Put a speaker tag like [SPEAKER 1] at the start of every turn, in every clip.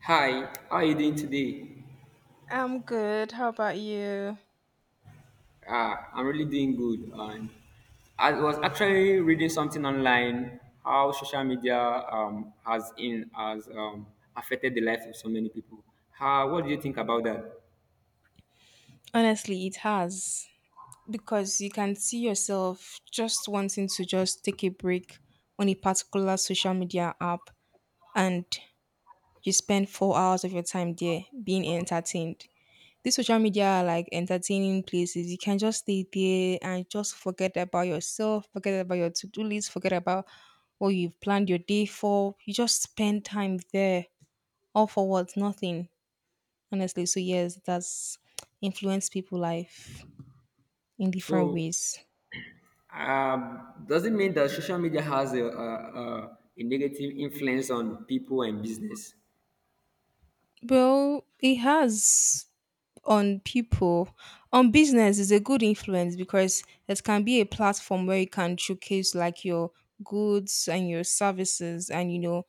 [SPEAKER 1] Hi, how are you doing today?
[SPEAKER 2] I'm good. How about you?
[SPEAKER 1] I'm really doing good. And I was actually reading something online how social media has affected the life of so many people. How, what do you think about that?
[SPEAKER 2] Honestly, it has because you can see yourself just wanting to just take a break on a particular social media app and you spend 4 hours of your time there being entertained. These social media are like entertaining places. You can just stay there and just forget about yourself, forget about your to do list, forget about what you've planned your day for. You just spend time there. All for what? Nothing, honestly. So yes, that's influenced people' life in different
[SPEAKER 1] So,
[SPEAKER 2] ways.
[SPEAKER 1] um, does it mean that social media has a negative influence on people and business?
[SPEAKER 2] Well, it has on people. On business is a good influence because it can be a platform where you can showcase like your goods and your services, and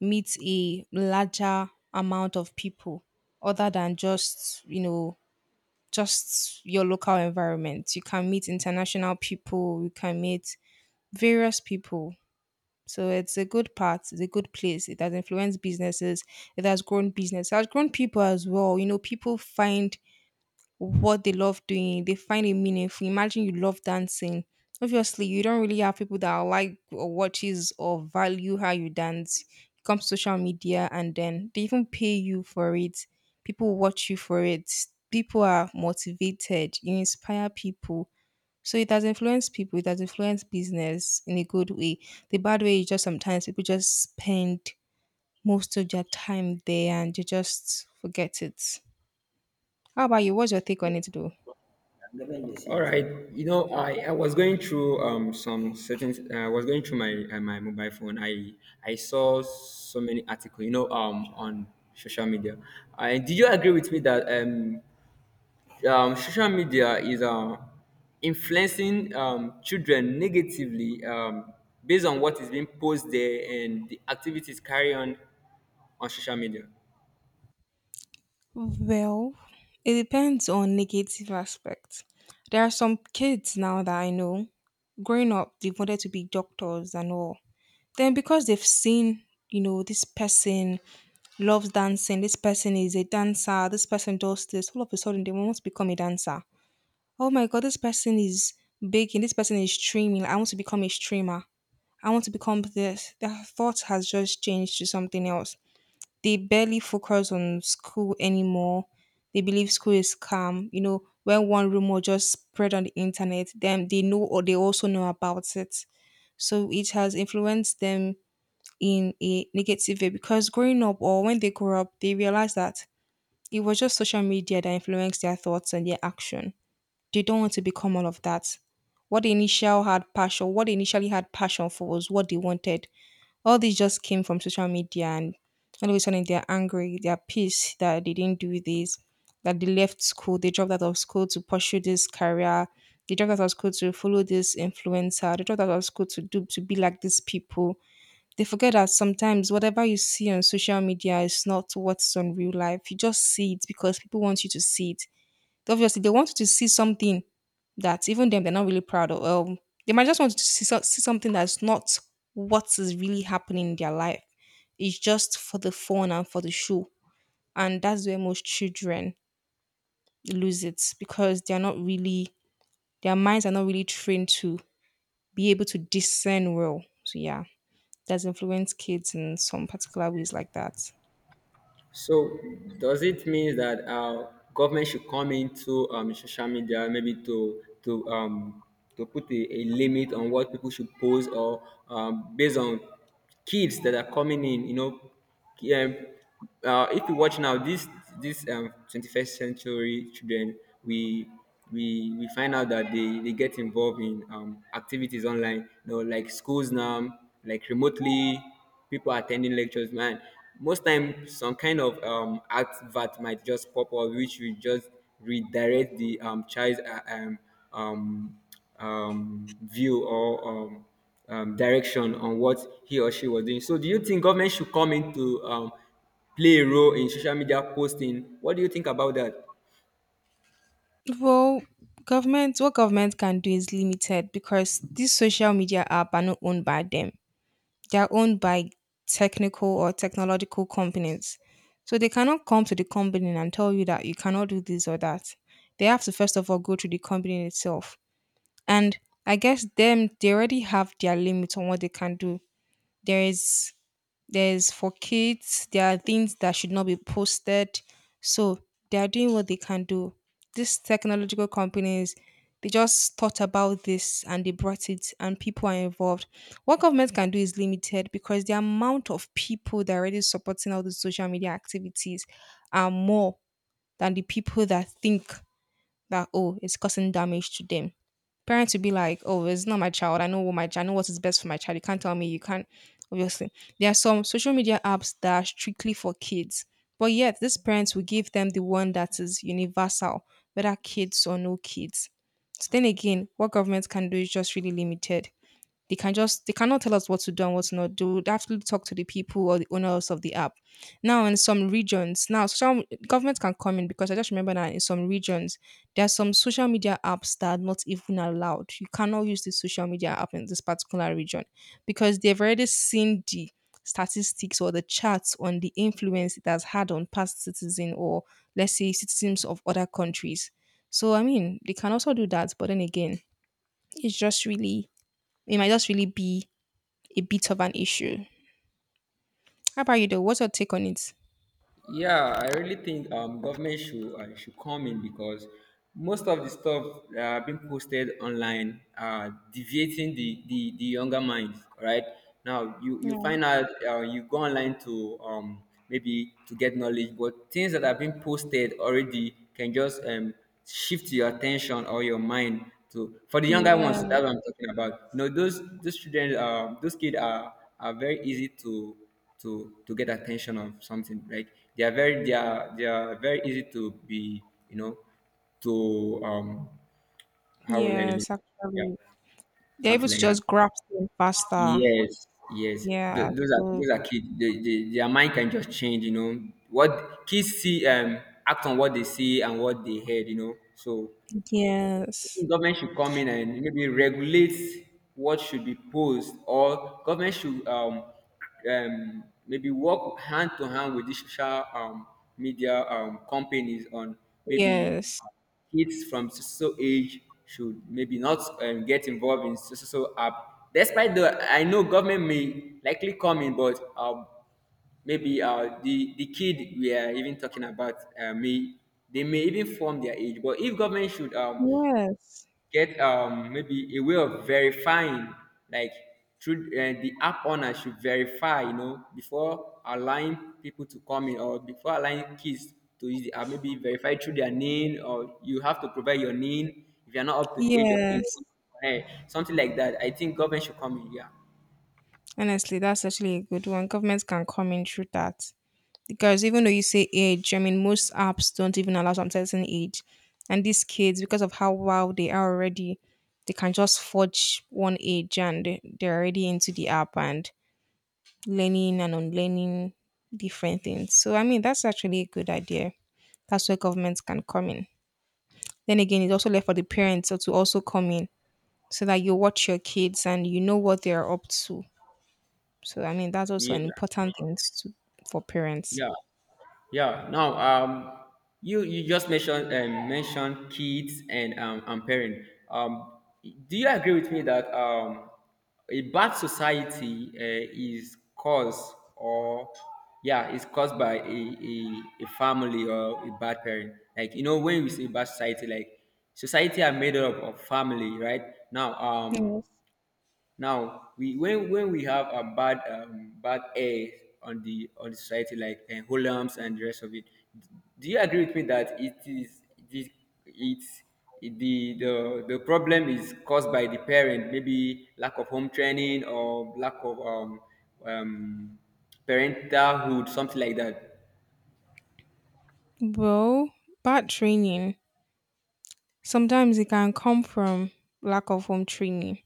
[SPEAKER 2] meet a larger amount of people other than just just your local environment. You can meet international people, you can meet various people. So it's a good part, it's a good place. It has influenced businesses, it has grown business, it has grown people as well. People find what they love doing, they find it meaningful. Imagine you love dancing. Obviously, you don't really have people that like or watches or value how you dance. It comes to social media and then they even pay you for it. People watch you for it. People are motivated. You inspire people, so it has influenced people, it has influenced business in a good way. The bad way is just sometimes people just spend most of their time there and you just forget it. How about you? What's your take on it though?
[SPEAKER 1] All right, you know, I was going through some certain I was going through my mobile phone. I saw so many articles, you know, on social media. I did you agree with me that social media is influencing children negatively based on what is being posted there and the activities carried on social media.
[SPEAKER 2] Well, it depends on negative aspects. There are some kids now that I know, growing up, they wanted to be doctors and all. Then because they've seen, this person loves dancing, this person is a dancer, this person does this, all of a sudden they want to become a dancer. Oh my god, this person is baking, this person is streaming. I want to become a streamer. I want to become this. Their thought has just changed to something else. They barely focus on school anymore. They believe school is calm. When one rumor just spread on the internet, then they know or they also know about it. So it has influenced them in a negative way because growing up or when they grow up, they realize that it was just social media that influenced their thoughts and their action. They don't want to become all of that. What they initially had passion for was what they wanted. All this just came from social media, and all of a sudden they're angry, they're pissed that they didn't do this, that they left school, they dropped out of school to pursue this career, they dropped out of school to follow this influencer, they dropped out of school to do to be like these people. They forget that sometimes whatever you see on social media is not what's on real life. You just see it because people want you to see it. Obviously, they want to see something that even them they're not really proud of. They might just want to see something that's not what is really happening in their life. It's just for the fun and for the show, and that's where most children lose it because they're not really their minds are not really trained to be able to discern well. So yeah, that's influence kids in some particular ways like that.
[SPEAKER 1] So does it mean that government should come into social media maybe to to put a limit on what people should post or based on kids that are coming in? You know, yeah, if you watch now, this 21st century children, we we find out that they get involved in activities online, you know, like schools now, like remotely, people attending lectures, man, most time some kind of advert might just pop up which will just redirect the child's um, view or direction on what he or she was doing. So do you think government should come in to play a role in social media posting? What do you think about that?
[SPEAKER 2] Well, government, what government can do is limited because these social media app are not owned by them. They're owned by technical or technological companies. So they cannot come to the company and tell you that you cannot do this or that. They have to first of all go to the company itself. And I guess them they already have their limits on what they can do. There is there's for kids, there are things that should not be posted. So they are doing what they can do. These technological companies, they just thought about this and they brought it, and people are involved. What government can do is limited because the amount of people that are already supporting all the social media activities are more than the people that think that, oh, it's causing damage to them. Parents will be like, oh, it's not my child. I know what is best for my child. You can't tell me. You can't. Obviously, there are some social media apps that are strictly for kids, but yet these parents will give them the one that is universal, whether kids or no kids. So then again, what government can do is just really limited. They cannot tell us what to do and what to not do. They have to talk to the people or the owners of the app. Now in some regions, now some government can come in because I just remember that in some regions there are some social media apps that are not even allowed. You cannot use this social media app in this particular region because they've already seen the statistics or the charts on the influence it has had on past citizen or let's say citizens of other countries. So I mean, they can also do that, but then again, it's just really it might just really be a bit of an issue. How about you though? What's your take on it?
[SPEAKER 1] Yeah, I really think government should come in because most of the stuff that are being posted online are deviating the younger minds, right? Now you
[SPEAKER 2] Yeah.
[SPEAKER 1] find out you go online to maybe to get knowledge, but things that have been posted already can just shift your attention or your mind to for the younger
[SPEAKER 2] Yeah.
[SPEAKER 1] ones. That's what I'm talking about. You know, those children, those kids are very easy to to get attention of something like they are very they are very easy to be, you know, to how will I,
[SPEAKER 2] Yes,
[SPEAKER 1] yeah,
[SPEAKER 2] actually. They're able
[SPEAKER 1] something
[SPEAKER 2] to
[SPEAKER 1] like that,
[SPEAKER 2] just grasp them faster.
[SPEAKER 1] yes, yes.
[SPEAKER 2] Yeah.
[SPEAKER 1] Th- those are
[SPEAKER 2] So
[SPEAKER 1] those are kids, their mind can just change, you know, what kids see act on what they see and what they heard, you know, so I
[SPEAKER 2] yes.
[SPEAKER 1] think government should come in and maybe regulate what should be posed, or government should maybe work hand to hand with the social media companies on maybe
[SPEAKER 2] Yes.
[SPEAKER 1] kids from so so age should maybe not get involved in so so so app. Despite the, I know government may likely come in, but maybe the kid we are even talking about may they may even form their age. But if government should
[SPEAKER 2] Yes.
[SPEAKER 1] get maybe a way of verifying, like through the app owner should verify, you know, before allowing people to come in or before allowing kids to use the app, maybe verify through their name, or you have to provide your name if you're not up to the age of
[SPEAKER 2] Yes.
[SPEAKER 1] 18, eh, something like that. I think government should come in, yeah,
[SPEAKER 2] Honestly, that's actually a good one. Governments can come in through that. Because even though you say age, I mean, most apps don't even allow some certain age. And these kids, because of how wild they are already, they can just forge one age and they're already into the app and learning and unlearning different things. So I mean, that's actually a good idea. That's where governments can come in. Then again, it's also left for the parents so to also come in so that you watch your kids and you know what they are up to. So I mean, that's also
[SPEAKER 1] yeah,
[SPEAKER 2] an important thing to, for parents.
[SPEAKER 1] yeah. Yeah. Now, you you just mentioned mentioned kids and parent. Do you agree with me that a bad society is caused or yeah is caused by a, a family or a bad parent? Like, you know, when we say bad society, like society are made up of family, right? Now,
[SPEAKER 2] Yes.
[SPEAKER 1] now, we when we have a bad air on the society like Holmes and the rest of it, do you agree with me that it is it's it- the problem is caused by the parent, maybe lack of home training or lack of um, parentalhood, something like that.
[SPEAKER 2] Well, bad training sometimes it can come from lack of home training.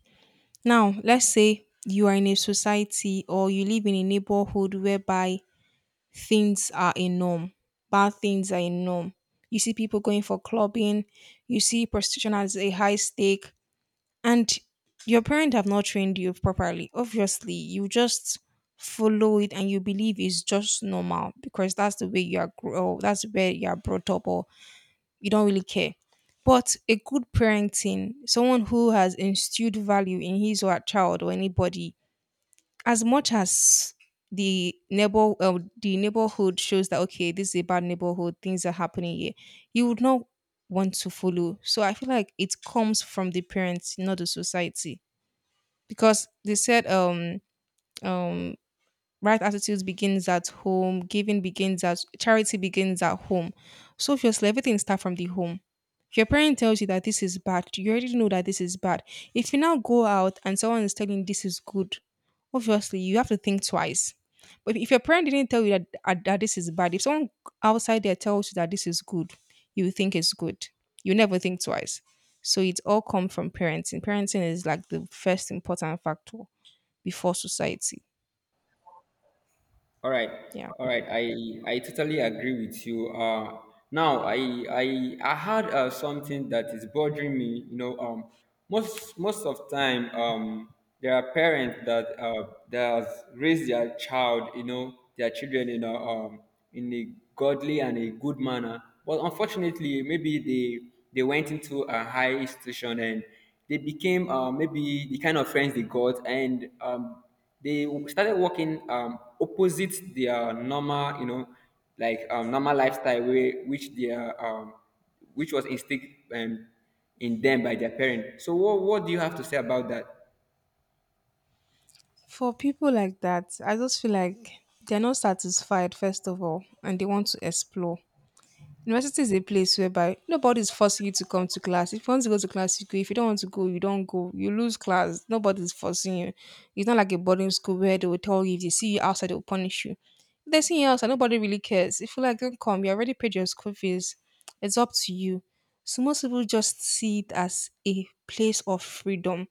[SPEAKER 2] Now, let's say you are in a society or you live in a neighborhood whereby things are a norm. Bad things are a norm. You see people going for clubbing, you see prostitution as a high stake, and your parents have not trained you properly. Obviously, you just follow it and you believe it's just normal because that's where you are brought up, or you don't really care. But a good parenting, someone who has instilled value in his or her child or anybody, as much as the neighborhood shows that, okay, this is a bad neighborhood, things are happening here, you would not want to follow. So I feel like it comes from the parents, not the society, because they said um right attitudes begins at home. Giving begins at Charity begins at home. So obviously everything starts from the home. If your parent tells you that this is bad, you already know that this is bad. If you now go out and someone is telling you this is good, obviously you have to think twice. But if your parent didn't tell you that this is bad, if someone outside there tells you that this is good, you think it's good. You never think twice. So it all comes from parenting. Parenting is like the first important factor before society.
[SPEAKER 1] All right,
[SPEAKER 2] Yeah.
[SPEAKER 1] all right. I totally agree with you. Now I I had something that is bothering me. You know, most of time, there are parents that that has raised their child. You know, their children. You know, in a godly and a good manner. But unfortunately, maybe they went into a high institution and they became maybe the kind of friends they got, and they started working opposite their normal, you know, like normal lifestyle, way, which their which was instilled um, in them by their parent. So, what do you have to say about that?
[SPEAKER 2] For people like that, I just feel like they're not satisfied, first of all, and they want to explore. University is a place whereby nobody's forcing you to come to class. If you want to go to class, you go. If you don't want to go, you don't go. You lose class. Nobody's forcing you. It's not like a boarding school where they will tell you if they see you outside, they will punish you. If they see you outside, nobody really cares. If you like, don't come. You already paid your school fees. It's up to you. So most people just see it as a place of freedom.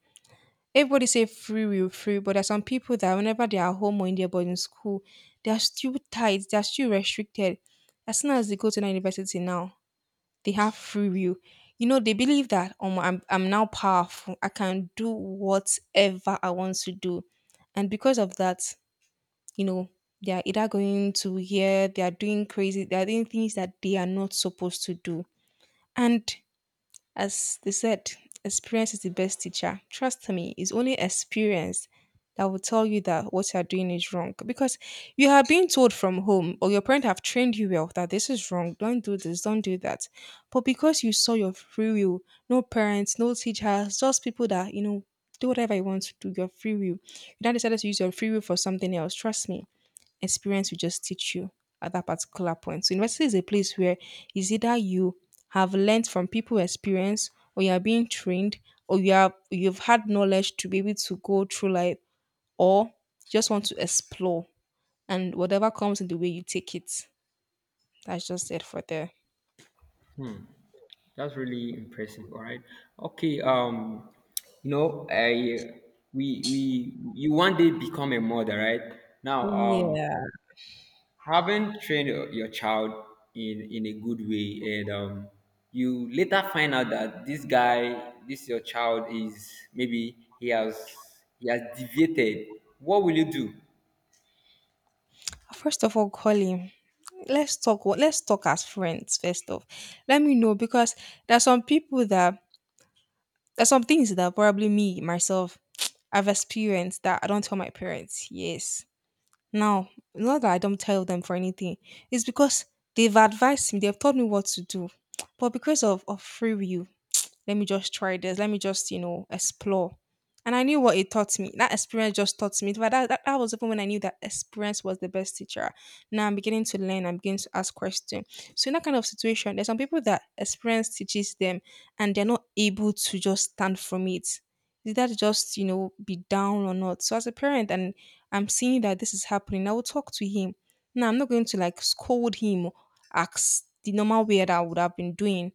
[SPEAKER 2] Everybody say free will, free, but there's some people that whenever they are home or in their boarding school, they are still tight, they are still restricted. As soon as they go to the university now, they have free will. They believe that I'm now powerful. I can do whatever I want to do. And because of that, you know, they are either going to here, they are doing crazy, they are doing things that they are not supposed to do. And as they said, experience is the best teacher. Trust me, it's only experience that will tell you that what you are doing is wrong because you have been told from home, or your parents have trained you well that this is wrong. Don't do this, don't do that. But because you saw your free will, no parents, no teachers, just people that, you know, do whatever you want to do, your free will. You now decided to use your free will for something else. Trust me, experience will just teach you at that particular point. So university is a place where it's either you have learned from people experience, or you are being trained, or you've had knowledge to be able to go through life, or just want to explore and whatever comes in the way you take it. That's just it for there.
[SPEAKER 1] That's really impressive. All right. Okay. You know, I we you one day become a mother, right? Now,
[SPEAKER 2] Yeah.
[SPEAKER 1] having trained your child in a good way, and you later find out that this guy, this your child, is maybe he has deviated. What will you do?
[SPEAKER 2] First of all, Colin, let's talk. What Let's talk as friends. First off, let me know, because there's some people that there's some things that probably me myself I've experienced that I don't tell my parents. Yes. Now, not that I don't tell them for anything. It's because they've advised me, they've told me what to do. But because of free will, let me just try this. Let me just, you know, explore. And I knew what it taught me. That experience just taught me. But that was even when I knew that experience was the best teacher. Now I'm beginning to learn. I'm beginning to ask questions. So in that kind of situation, there's some people that experience teaches them and they're not able to just stand from it. Is that just, you know, be down or not? So as a parent, and I'm seeing that this is happening, I will talk to him. Now I'm not going to like scold him or ask the normal way that I would have been doing.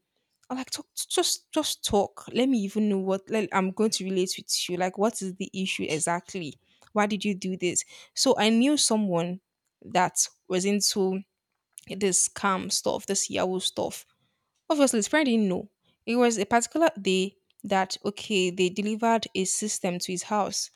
[SPEAKER 2] I'm like talk just talk. Let me even know what like, I'm going to relate with you. Like what is the issue exactly? Why did you do this? So I knew someone that was into this scam stuff, this Yahoo stuff. Obviously, his friend didn't know. It was a particular day that, okay, they delivered a system to his house.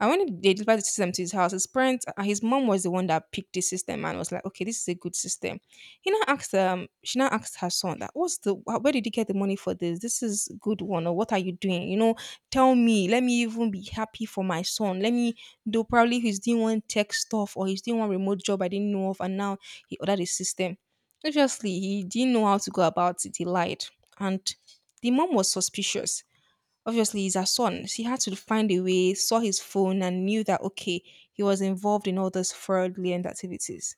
[SPEAKER 2] And when they delivered the system to his house, his parents, his mom was the one that picked the system and was like, okay, this is a good system. He now asked, she now asked her son that, what's the, where did you get the money for this? This is good one, or what are you doing? You know, tell me, let me even be happy for my son. Let me do probably he's doing one tech stuff, or he's doing one remote job I didn't know of, and now he ordered a system. Obviously, he didn't know how to go about it. He lied. And the mom was suspicious. Obviously, he's her son. She had to find a way, saw his phone, and knew that, okay, he was involved in all those fraudulent activities.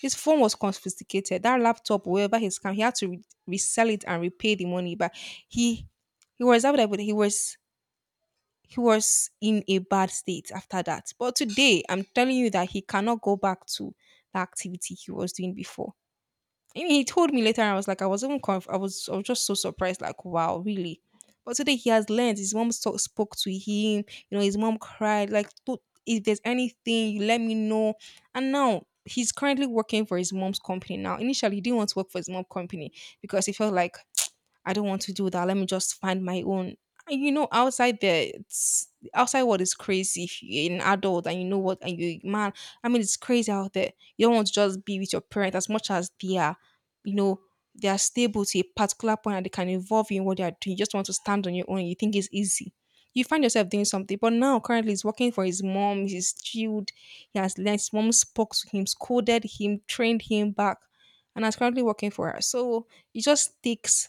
[SPEAKER 2] His phone was confiscated. That laptop, wherever his scam, he had to resell it and repay the money. But He he was out there, but he was in a bad state after that. But today, I'm telling you that he cannot go back to the activity he was doing before. I mean, he told me later, and I was like, I was even I was just so surprised, like, wow, really. But today he has learned. His mom spoke to him. You know, his mom cried. Like, "Don't- if there's anything, you let me know." And now he's currently working for his mom's company. Now, initially, he didn't want to work for his mom's company because he felt like I don't want to do that. Let me just find my own. And you know, outside there, it's outside what is crazy. If you're an adult and you know what, and you man, I mean, it's crazy out there. You don't want to just be with your parents as much as they are, you know, they are stable to a particular point and they can involve you in what they are doing. You just want to stand on your own. You think it's easy. You find yourself doing something, but now currently he's working for his mom. He's chilled. He has learned. His mom spoke to him, scolded him, trained him back, and is currently working for her. So it just takes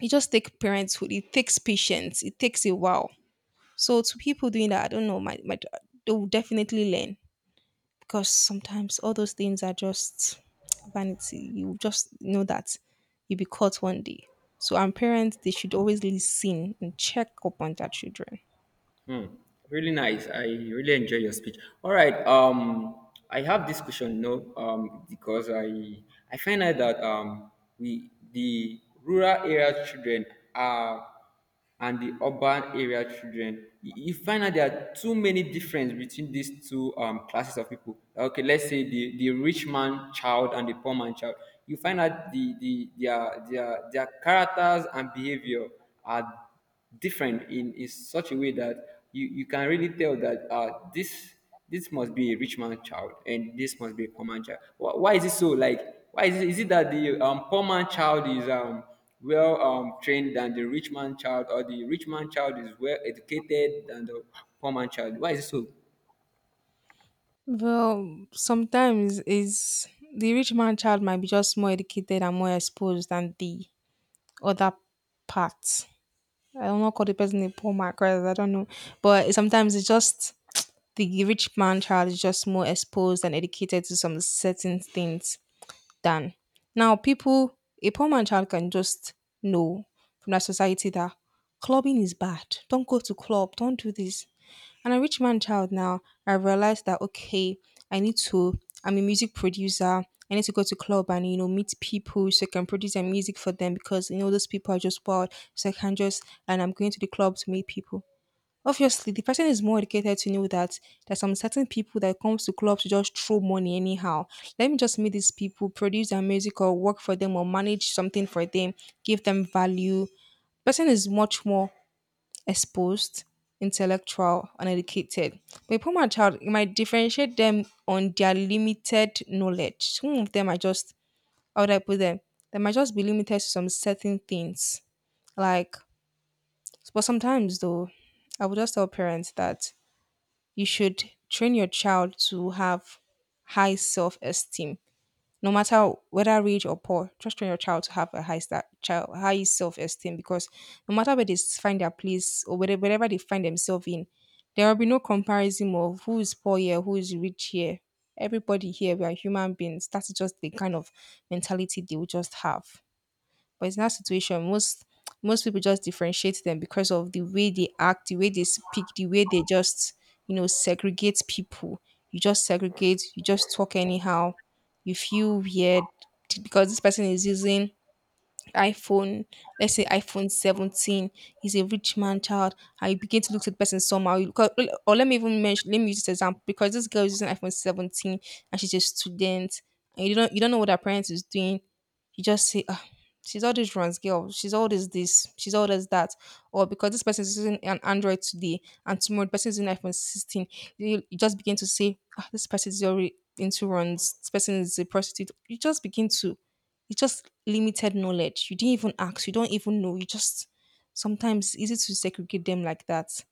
[SPEAKER 2] parenthood, it takes patience, it takes a while. So to people doing that, I don't know, my they will definitely learn, because sometimes all those things are just vanity. You just know that you'll be caught one day. So, and parents, they should always listen and check up on their children.
[SPEAKER 1] Hmm. Really nice. I really enjoy your speech. All right. I have this question, no, because I find out that we the rural area children are and the urban area children. You find out there are too many difference between these two classes of people. Like, okay, let's say the rich man child and the poor man child. You find out their characters and behavior are different in such a way that you can really tell that this this must be a rich man child and this must be a poor man child. Why is it so? Like, why is it that the poor man child is well trained than the rich man child, or the rich man child is well educated than the poor man child? Why is it so?
[SPEAKER 2] Well, sometimes is the rich man child might be just more educated and more exposed than the other part. I don't know, call the person a poor man, 'cause I don't know. But sometimes it's just the rich man child is just more exposed and educated to some certain things than now people a poor man child can just know from that society that clubbing is bad. Don't go to club, don't do this. And a rich man child now, I realized that okay, I need to I'm a music producer. I need to go to club and you know meet people so I can produce their music for them, because you know those people are just wild. So I can just and I'm going to the club to meet people. Obviously, the person is more educated to know that there's some certain people that comes to clubs to just throw money anyhow. Let me just meet these people, produce their music or work for them or manage something for them, give them value. Person is much more exposed, intellectual, and educated. But a poor man child, it might differentiate them on their limited knowledge. Some of them are just how would I put them? They might just be limited to some certain things. Like but sometimes though, I would just tell parents that you should train your child to have high self esteem, no matter whether rich or poor. Just train your child to have a high start, child high self esteem, because no matter where they find their place or whether wherever they find themselves in, there will be no comparison of who is poor here, who is rich here. Everybody here, we are human beings. That's just the kind of mentality they will just have. But it's that situation, most people just differentiate them because of the way they act, the way they speak, the way they just, you know, segregate people. You just segregate, you just talk anyhow. You feel weird because this person is using iPhone, let's say iPhone 17, he's a rich man child, and you begin to look at the person somehow. You, 'cause- or let me even mention, let me use this example because this girl is using iPhone 17 and she's a student, and you don't know what her parents is doing. You just say, ah, she's all this runs girl, she's all this, she's all this that, or because this person is using an Android today and tomorrow the person is using iPhone 16, you just begin to say, ah, this person is already into runs, this person is a prostitute. You just begin to it's just limited knowledge. You didn't even ask. You don't even know. You just sometimes it's easy to segregate them like that.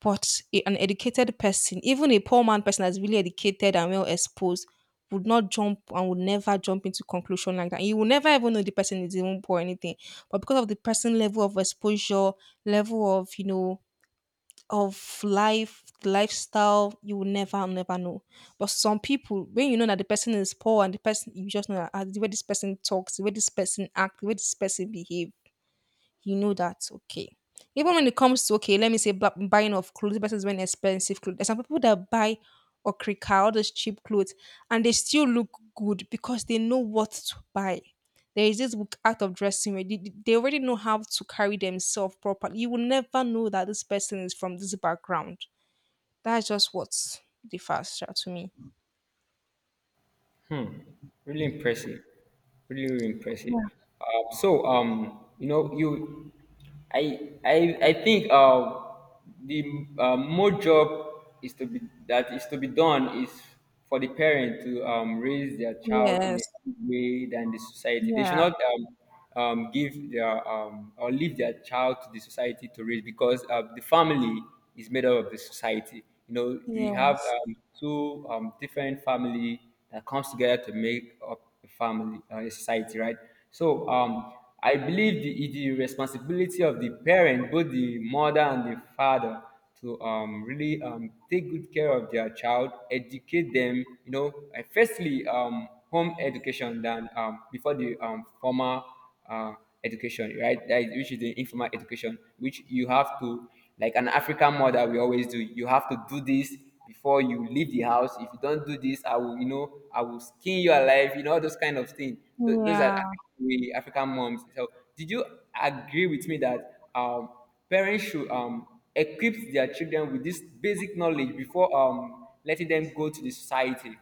[SPEAKER 2] But an educated person, even a poor man person that's really educated and well exposed, would not jump and would never jump into conclusion like that. You will never even know the person is even poor or anything. But because of the person level of exposure, level of you know of life, lifestyle, you will never know. But some people, when you know that the person is poor and the person, you just know that ah, the way this person talks, the way this person acts, the way this person behave, you know that's okay. Even when it comes to okay, let me say buying of clothes versus wearing expensive clothes. There's some people that buy or cricka all those cheap clothes, and they still look good because they know what to buy. There is this book, Art of Dressing, where they already know how to carry themselves properly. You will never know that this person is from this background. That's just what differs sha, to me.
[SPEAKER 1] Hmm. Really impressive. Really, really impressive. So, you know, I think the more job is to be that is to be done is for the parent to raise their child in a
[SPEAKER 2] Yes.
[SPEAKER 1] good way than the society. They should
[SPEAKER 2] Yeah.
[SPEAKER 1] not. Give their or leave their child to the society to raise because the family is made up of the society. You know, we have
[SPEAKER 2] Yes.
[SPEAKER 1] two different family that comes together to make up a family, a society, right? So I believe the responsibility of the parent, both the mother and the father, to really take good care of their child, educate them. You know, firstly, home education than before the formal uh, education, right? That is, which is the informal education, which you have to, like an African mother, we always do. You have to do this before you leave the house. If you don't do this, I will, you know, I will skin you alive. You know, those kind of things. Those are African,
[SPEAKER 2] Yeah.
[SPEAKER 1] African moms. So, did you agree with me that parents should equip their children with this basic knowledge before letting them go to the society?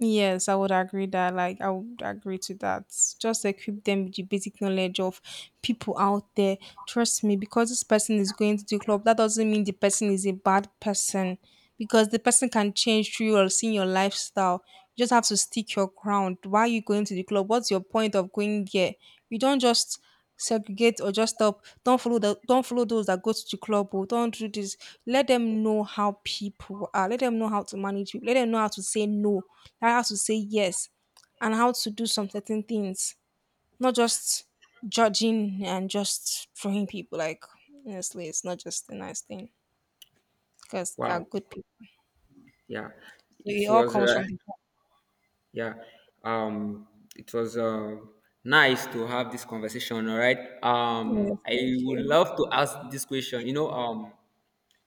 [SPEAKER 2] Yes, I would agree that. Like, I would agree to that. Just equip them with the basic knowledge of people out there, trust me, because this person is going to the club, that doesn't mean the person is a bad person. Because the person can change through your seeing your lifestyle. You just have to stick your ground. Why are you going to the club? What's your point of going there? You don't just segregate or just stop. Don't follow those that go to the club or don't do this. Let them know how people are. Let them know how to manage people. Let them know how to say no, how to say yes, and how to do some certain things, not just judging and just throwing people. Like, honestly, it's not just a nice thing, because they are
[SPEAKER 1] Wow.
[SPEAKER 2] good people.
[SPEAKER 1] Yeah.
[SPEAKER 2] So
[SPEAKER 1] It
[SPEAKER 2] it all
[SPEAKER 1] was
[SPEAKER 2] comes from the heart.
[SPEAKER 1] yeah, um, it was nice to have this conversation. All right,
[SPEAKER 2] Yes, thank
[SPEAKER 1] I would
[SPEAKER 2] you.
[SPEAKER 1] love to ask this question. You know,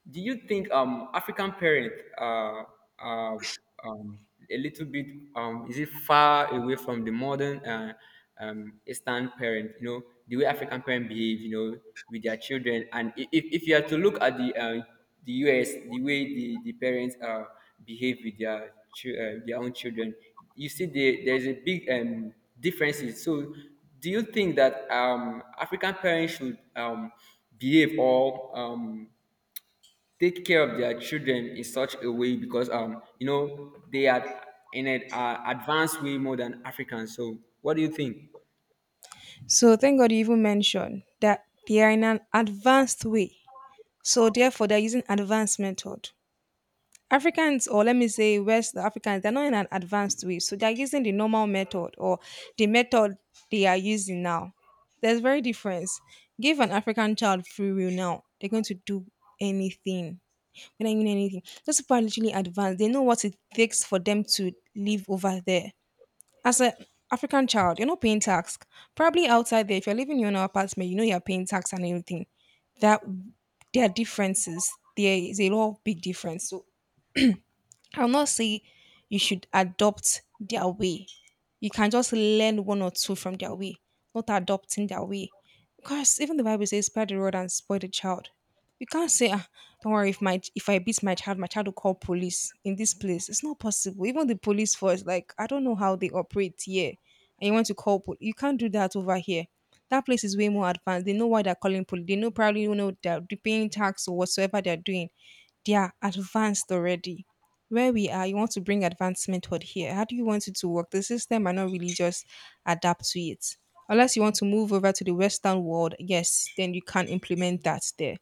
[SPEAKER 1] do you think African parents are um, a little bit is it far away from the modern Eastern parent? You know, the way African parents behave, you know, with their children, and if you are to look at the US, the way the parents behave with their their own children, you see the, there's a big differences. So do you think that African parents should behave or take care of their children in such a way because you know they are in an advanced way more than Africans. So what do you think?
[SPEAKER 2] So thank God you even mentioned that they are in an advanced way, so therefore they're using advanced method. Africans, or let me say West Africans, they're not in an advanced way, so they're using the normal method, or the method they are using now. There's very difference. Give an African child free will now, they're going to do anything. They're not even know anything. Those people are literally advanced. They know what it takes for them to live over there. As an African child, you're not paying tax. Probably outside there, if you're living in your own apartment, you know you're paying tax and everything. That, there are differences. There is a lot of big difference. So I'll not say you should adopt their way. You can just learn one or two from their way, not adopting their way. Because even the Bible says, spare the rod and spoil the child. You can't say, ah, don't worry, if I beat my child will call police in this place. It's not possible. Even the police force, like, I don't know how they operate here. And you want to call police. You can't do that over here. That place is way more advanced. They know why they're calling police. They know, probably, you know, they're paying tax or whatsoever they're doing. They are advanced already. Where we are, you want to bring advancement toward here. How do you want it to work? The system might not really just adapt to it. Unless you want to move over to the Western world, yes, then you can implement that there.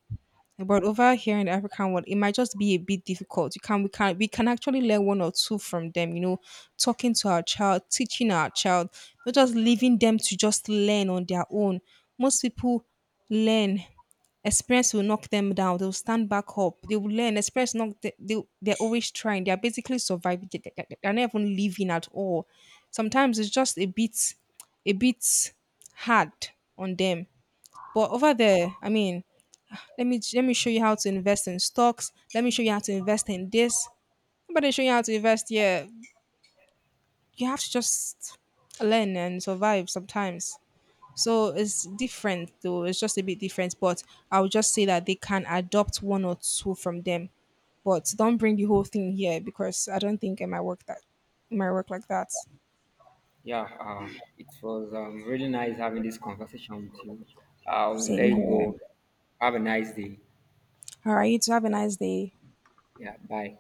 [SPEAKER 2] But over here in the African world, it might just be a bit difficult. You can we can we can actually learn one or two from them, you know, talking to our child, teaching our child, not just leaving them to just learn on their own. Most people learn. Experience will knock them down. They'll stand back up. They will learn. Experience knock they're always trying. They're basically surviving. They're not even living at all. Sometimes it's just a bit hard on them. But over there, I mean, let me show you how to invest in stocks. Let me show you how to invest in this. Nobody show you how to invest. Yeah, you have to just learn and survive sometimes. So it's different though. It's just a bit different, but I would just say that they can adopt one or two from them. But don't bring the whole thing here because I don't think it might work like that.
[SPEAKER 1] Yeah, it was really nice having this conversation with you. I'll let
[SPEAKER 2] Same
[SPEAKER 1] you
[SPEAKER 2] here.
[SPEAKER 1] go. Have a nice day.
[SPEAKER 2] All right, you two have a nice day.
[SPEAKER 1] Yeah, bye.